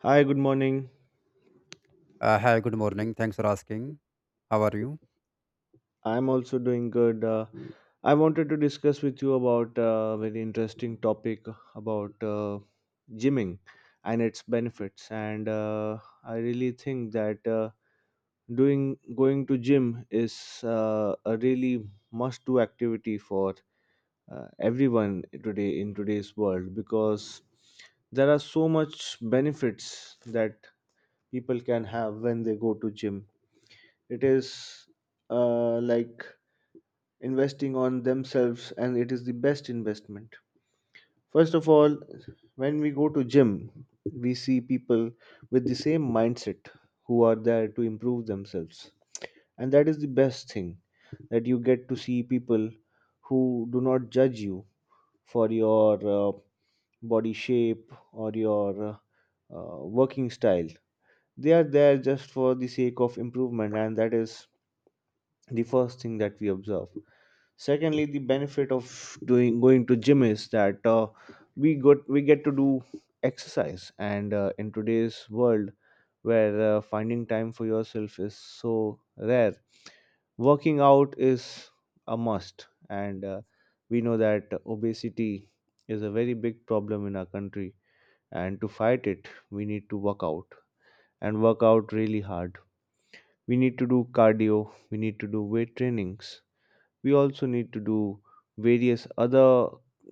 Hi, good morning. Hi, good morning. Thanks for asking. How are you? I'm also doing good. I wanted to discuss with you about a very interesting topic about gymming and its benefits. And I really think that doing going to gym is a really must-do activity for everyone today in today's world, because there are so much benefits that people can have when they go to gym. It is like investing on themselves, and it is the best investment. First of all, when we go to gym, we see people with the same mindset, who are there to improve themselves, and that is the best thing, that you get to see people who do not judge you for your body shape or your working style. They are there just for the sake of improvement, and that is the first thing that we observe. Secondly, the benefit of doing going to gym is that we get to do exercise, and in today's world, where finding time for yourself is so rare, working out is a must. And we know that obesity is a very big problem in our country, and to fight it we need to work out, and work out really hard. We need to do cardio, we need to do weight trainings, we also need to do various other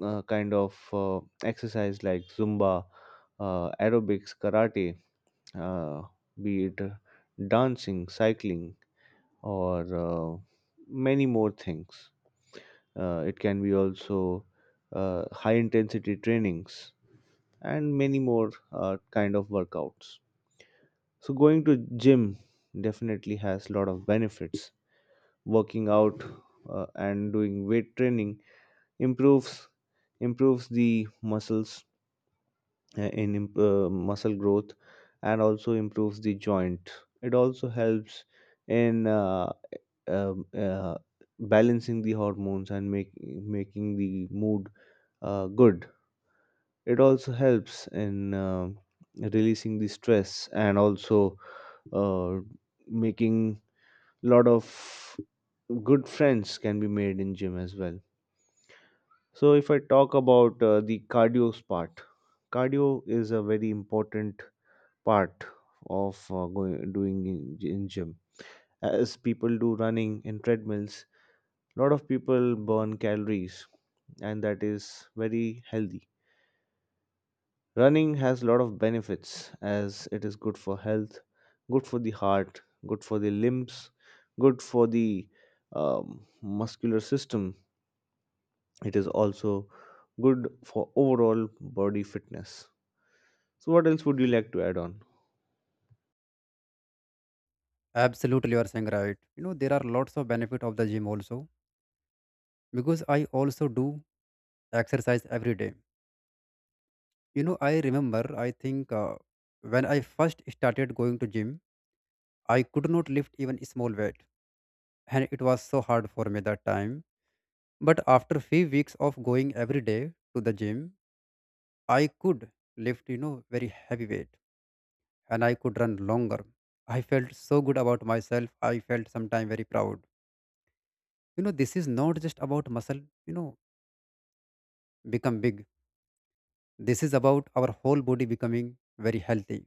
kind of exercise, like zumba, aerobics, karate, uh, be it dancing, cycling, or uh, many more things. Uh, it can be also high intensity trainings and many more kind of workouts. So going to gym definitely has lot of benefits. Working out and doing weight training improves improves the muscles, muscle growth, and also improves the joint. It also helps in um, uh, balancing the hormones and making the mood good. It also helps in releasing the stress, and also uh, making lot of good friends can be made in gym as well. So, if I talk about the cardio part, cardio is a very important part of doing in gym. As people do running in treadmills, a lot of people burn calories, and that is very healthy. Running has a lot of benefits, as it is good for health, good for the heart, good for the limbs, good for the muscular system. It is also good for overall body fitness. So, what else would you like to add on? Absolutely, you are saying right. You know, there are lots of benefit of the gym also because I also do exercise every day. You know, I remember, I think when I first started going to gym, I could not lift even a small weight and it was so hard for me that time. But after few weeks of going every day to the gym, I could lift, you know, very heavy weight and I could run longer. I felt so good about myself. I felt sometime very proud. You know, this is not just about muscle, you know, become big. This is about our whole body becoming very healthy.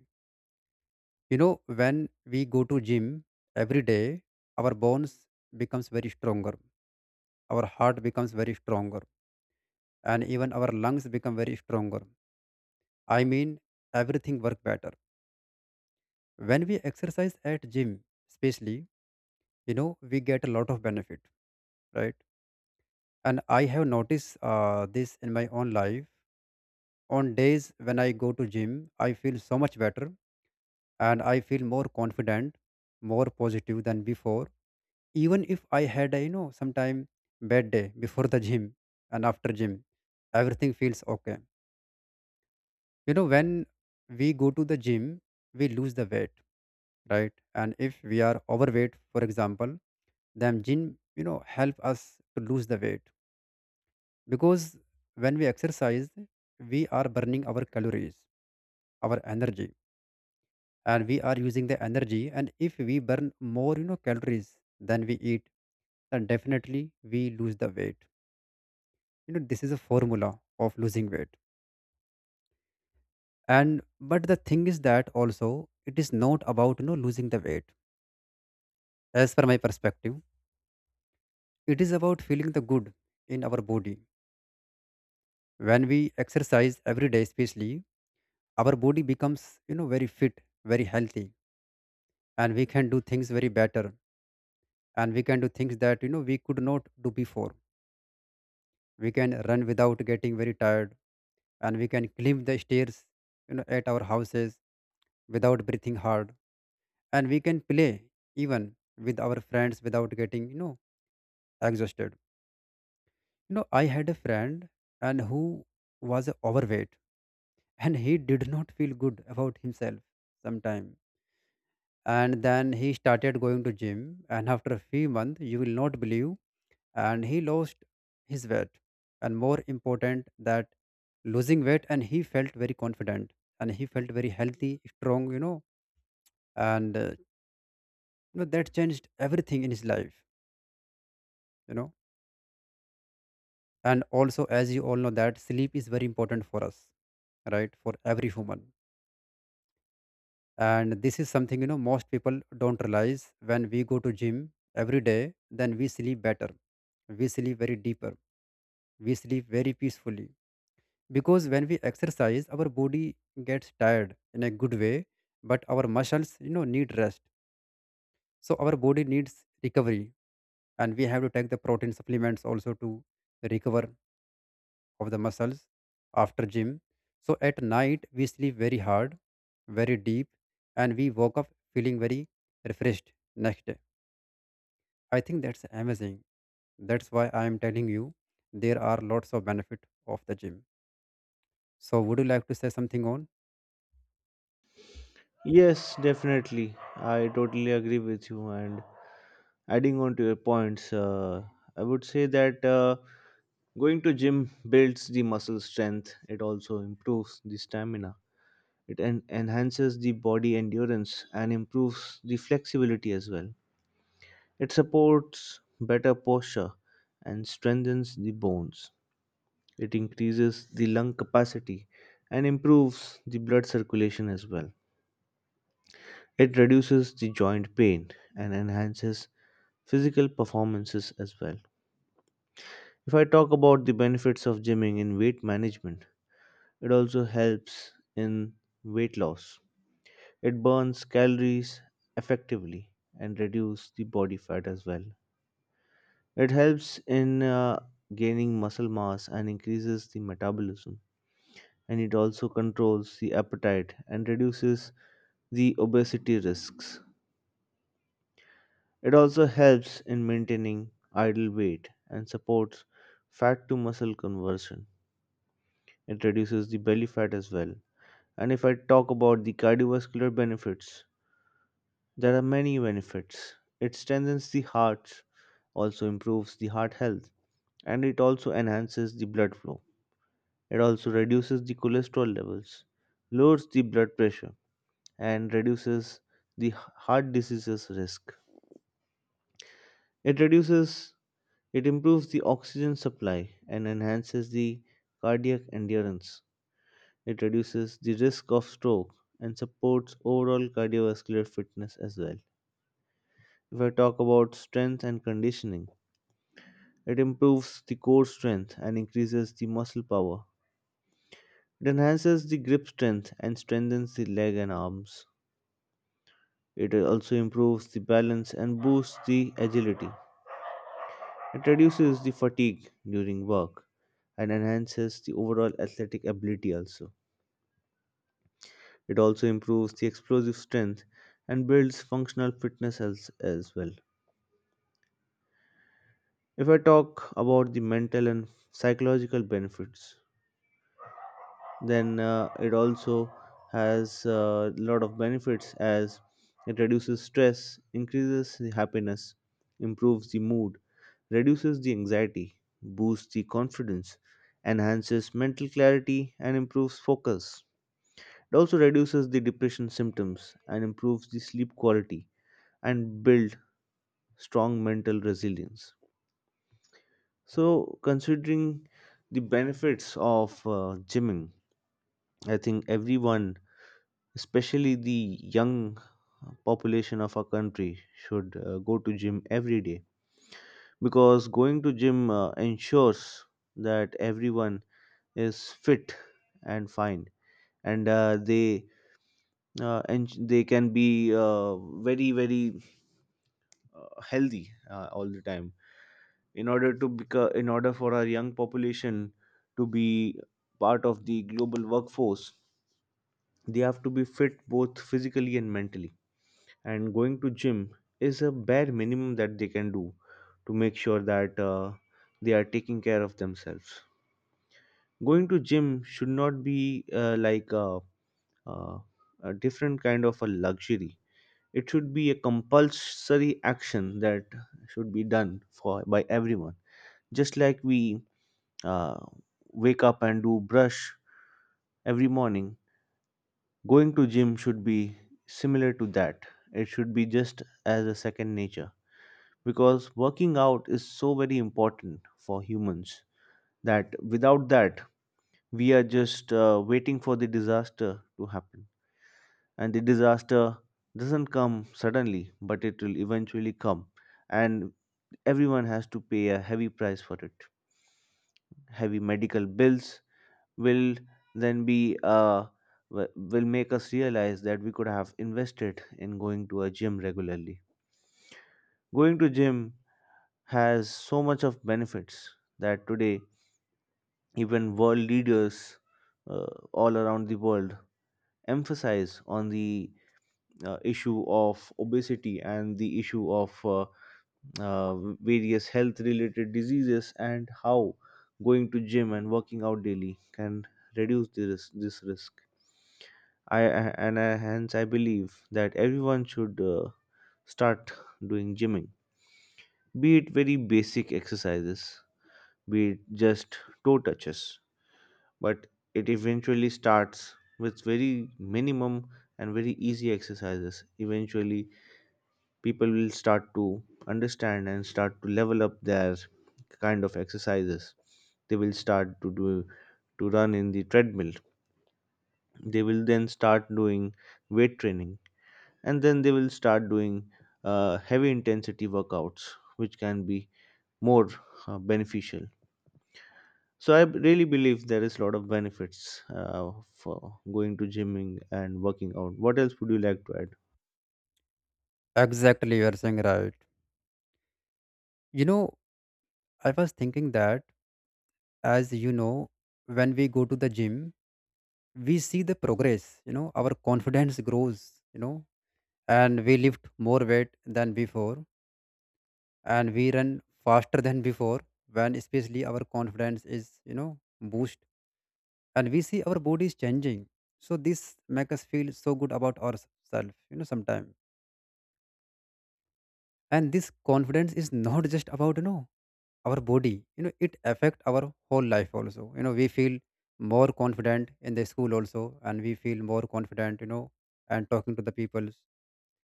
You know, when we go to gym every day, our bones becomes very stronger, our heart becomes very stronger, and even our lungs become very stronger. I mean, everything work better when we exercise at gym. Especially, you know, we get a lot of benefit, right? And I have noticed this in my own life. On days when I go to gym, I feel so much better, and I feel more confident, more positive than before. Even if I had a, you know, sometime bad day before the gym, and after gym everything feels okay. You know, when we go to the gym, we lose the weight, right? And if we are overweight, for example, then gym, you know, help us to lose the weight. Because when we exercise, we are burning our calories, our energy, and we are using the energy, and if we burn more, you know, calories than we eat, then definitely we lose the weight. You know, this is a formula of losing weight. And but the thing is that also it is not about, you know, losing the weight. As per my perspective, it is about feeling the good in our body. When we exercise every day, especially, our body becomes, you know, very fit, very healthy, and we can do things very better, and we can do things that, you know, we could not do before. We can run without getting very tired, and we can climb the stairs, you know, at our houses, without breathing hard. And we can play, even with our friends, without getting, you know, exhausted. You know, I had a friend and who was overweight and he did not feel good about himself sometime. And then he started going to gym, and after a few months, you will not believe, and he lost his weight. And more important that losing weight, and he felt very confident, and he felt very healthy, strong, you know. and uh, that changed everything in his life, you know. And also, as you all know, that sleep is very important for us, right? For every human. And this is something, you know, most people don't realize. When we go to gym every day, then we sleep better, we sleep very deeper, we sleep very peacefully. Because when we exercise, our body gets tired in a good way, but our muscles, you know, need rest. So our body needs recovery, and we have to take the protein supplements also to recover of the muscles after gym. So at night, we sleep very hard, very deep, and we woke up feeling very refreshed next day. I think that's amazing. That's why I am telling you, there are lots of benefit of the gym. So would you like to say something on? Yes, definitely. I totally agree with you. And adding on to your points, I would say that going to gym builds the muscle strength. It also improves the stamina. It enhances the body endurance and improves the flexibility as well. It supports better posture and strengthens the bones. It increases the lung capacity and improves the blood circulation as well. It reduces the joint pain and enhances physical performances as well. If I talk about the benefits of gymming in weight management, it also helps in weight loss. It burns calories effectively and reduces the body fat as well. It helps in gaining muscle mass and increases the metabolism. And it also controls the appetite and reduces the obesity risks. It also helps in maintaining ideal weight and supports fat to muscle conversion. It reduces the belly fat as well. And if I talk about the cardiovascular benefits, there are many benefits. It strengthens the heart, also improves the heart health, and it also enhances the blood flow. It also reduces the cholesterol levels, lowers the blood pressure, and reduces the heart diseases risk. It reduces It improves the oxygen supply and enhances the cardiac endurance. It reduces the risk of stroke and supports overall cardiovascular fitness as well. If I talk about strength and conditioning, it improves the core strength and increases the muscle power. It enhances the grip strength and strengthens the leg and arms. It also improves the balance and boosts the agility. It reduces the fatigue during work and enhances the overall athletic ability also. It also improves the explosive strength and builds functional fitness as well. If I talk about the mental and psychological benefits, then it also has a lot of benefits, as it reduces stress, increases the happiness, improves the mood, reduces the anxiety, boosts the confidence, enhances mental clarity, and improves focus. It also reduces the depression symptoms and improves the sleep quality, and builds strong mental resilience. So, considering the benefits of gymming, I think everyone, especially the young population of our country, should go to gym every day, because going to gym ensures that everyone is fit and fine, and they and they can be very very healthy all the time. In order to in order for our young population to be part of the global workforce, they have to be fit both physically and mentally, and going to gym is a bare minimum that they can do to make sure that they are taking care of themselves. Going to gym should not be like a, a different kind of a luxury, it should be a compulsory action that should be done for by everyone. Just like we uh, wake up and do brush every morning, going to gym should be similar to that. It should be just as a second nature, because working out is so very important for humans, that without that we are just waiting for the disaster to happen, and the disaster doesn't come suddenly, but it will eventually come, and everyone has to pay a heavy price for it. Heavy medical bills will then be will make us realize that we could have invested in going to a gym regularly. Going to gym has so much of benefits, that today even world leaders uh, all around the world emphasize on the issue of obesity, and the issue of uh, various health related diseases, and how going to gym and working out daily can reduce this risk. I And hence I believe that everyone should start doing gymming, be it very basic exercises, be it just toe touches, but it eventually starts with very minimum and very easy exercises. Eventually, people will start to understand and start to level up their kind of exercises. They will start to do, to run in the treadmill. They will then start doing weight training, and then they will start doing heavy intensity workouts, which can be more beneficial. So I really believe there is a lot of benefits uh, for going to gymming and working out. What else would you like to Exactly, you are saying right. You know, I was thinking that, as you know, when we go to the gym, we see the progress, you know, our confidence grows, you know, and we lift more weight than before, and we run faster than before, when especially our confidence is, you know, boost, and we see our body is changing. So this make us feel so good about ourselves, you know, sometimes. And this confidence is not just about, you know, our body. You know, it affect our whole life also. You know, we feel more confident in the school also, and we feel more confident, you know, and talking to the peoples,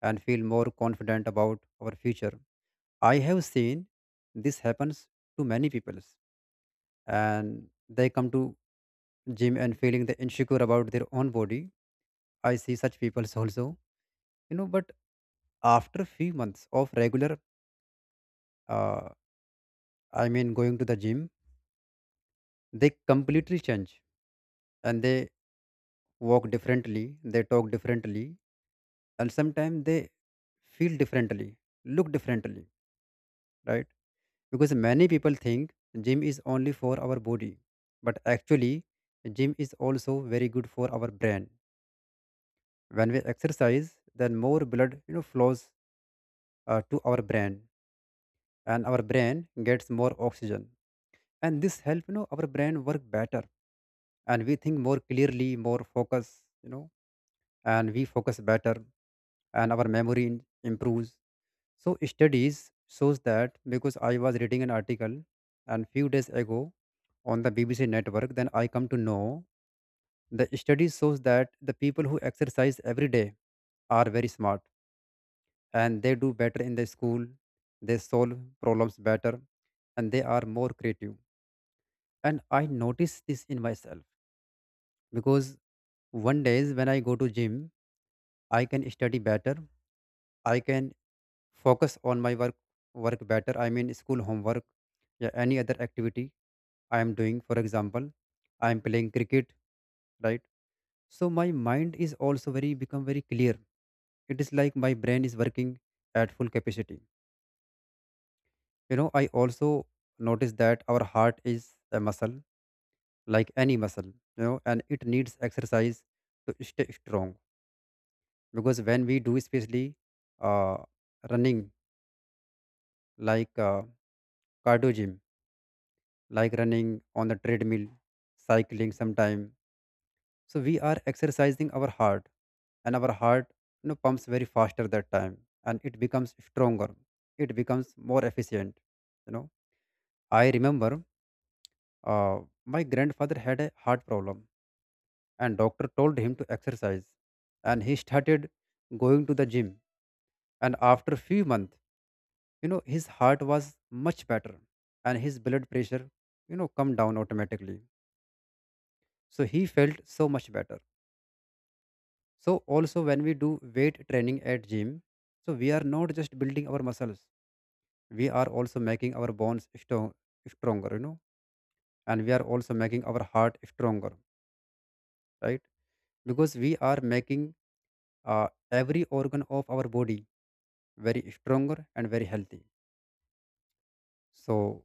and feel more confident about our future. I have seen this happens to many peoples. And they come to gym and feeling the insecure about their own body. I see such peoples also, you know. But after few months of regular, uh, I mean, going to the gym, they completely change. And they walk differently, they talk differently, and sometimes they feel differently, look differently, right? Because many people think gym is only for our body, but actually, gym is also very good for our brain. When we exercise, then more blood, you know, flows to our brain, and our brain gets more oxygen, and this help, you know, our brain work better, and we think more clearly, more focus, you know, and we focus better, and our memory improves. So studies shows that, because I was reading an article and few days ago on the BBC network, then I come to know the study shows that the people who exercise every day are very smart and they do better in the school, they solve problems better, and they are more creative. And I notice this in myself because one days when I go to gym, I can study better, I can focus on my work better. I mean school homework, yeah, any other activity I am doing. For example, I am playing cricket, right? So my mind is also very become very clear. It is like my brain is working at full capacity. You know, I also notice that our heart is a muscle, like any muscle, you know, and it needs exercise to stay strong. Because when we do especially uh, running, like cardio gym, like running on the treadmill, cycling sometime. So we are exercising our heart, and our heart, you know, pumps very faster that time, and it becomes stronger. It becomes more efficient. You know, I remember uh, my grandfather had a heart problem, and doctor told him to exercise, and he started going to the gym, and after few months, you know, his heart was much better, and his blood pressure, you know, come down automatically. So he felt so much better. So also when we do weight training at gym, so we are not just building our muscles, we are also making our bones strong, stronger, you know. And we are also making our heart stronger, right? Because we are making every organ of our body very stronger and very healthy. So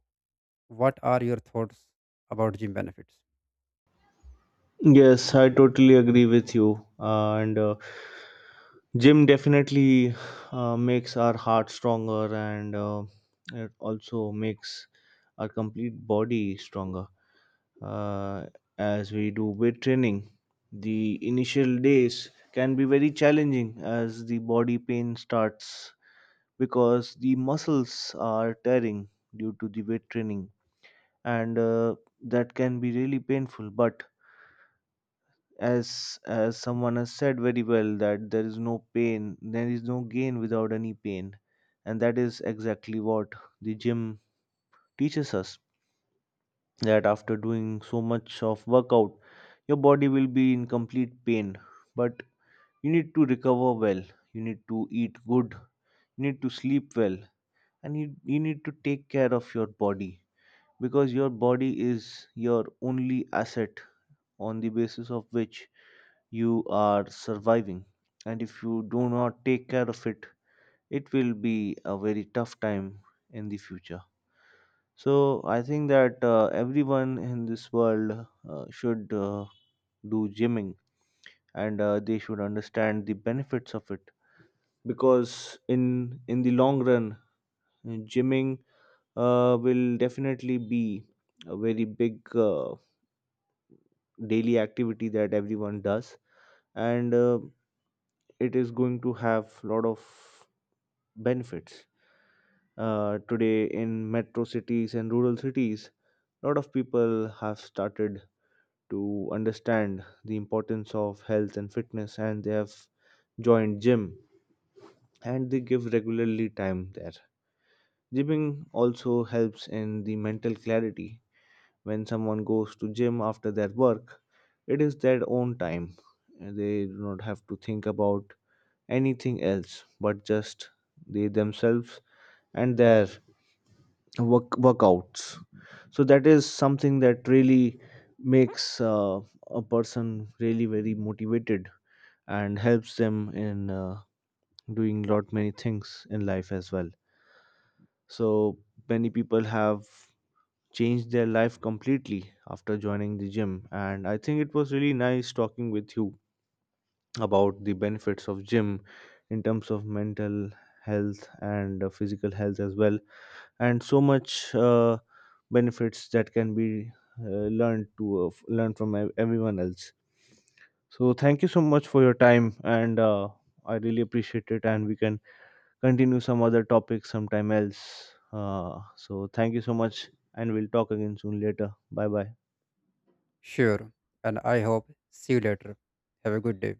what are your thoughts about gym benefits? add? Yes, I totally agree with you. And Gym definitely makes our heart stronger, and it also makes our complete body stronger. uh, as we do weight training, the initial days can be very challenging, as the body pain starts, because the muscles are tearing due to the weight training. And that can be really painful, but as someone has said very well, that there is no pain, there is no gain without any pain. And that is exactly what the gym teaches us, that after doing so much of workout your body will be in complete pain, but you need to recover well, you need to eat good, you need to sleep well, and you need to take care of your body, because your body is your only asset, on the basis of which you are surviving, and if you do not take care of it, it will be a very tough time in the future. So I think that everyone in this world should do gymming, and they should understand the benefits of it, because in the long run, gymming will definitely be a very big daily activity that everyone does. And it is going to have lot of benefits. Today, in metro cities and rural cities, lot of people have started to understand the importance of health and fitness, and they have joined gym, and they give regularly time there. Gymming also helps in the mental clarity. When someone goes to gym after their work, it is their own time, and they do not have to think about anything else but just they themselves and their workouts. So that is something that really makes a person really very motivated, and helps them in doing lot many things in life as well. So many people have changed their life completely after joining the gym, and I think it was really nice talking with you about the benefits of gym in terms of mental health and physical health as well, and so much benefits that can be learn from everyone else. So thank you so much for your time, and I really appreciate it, and we can continue some other topics sometime else. So thank you so much, and we'll talk again soon later. Bye bye. Sure. And I hope see you later. Have a good day.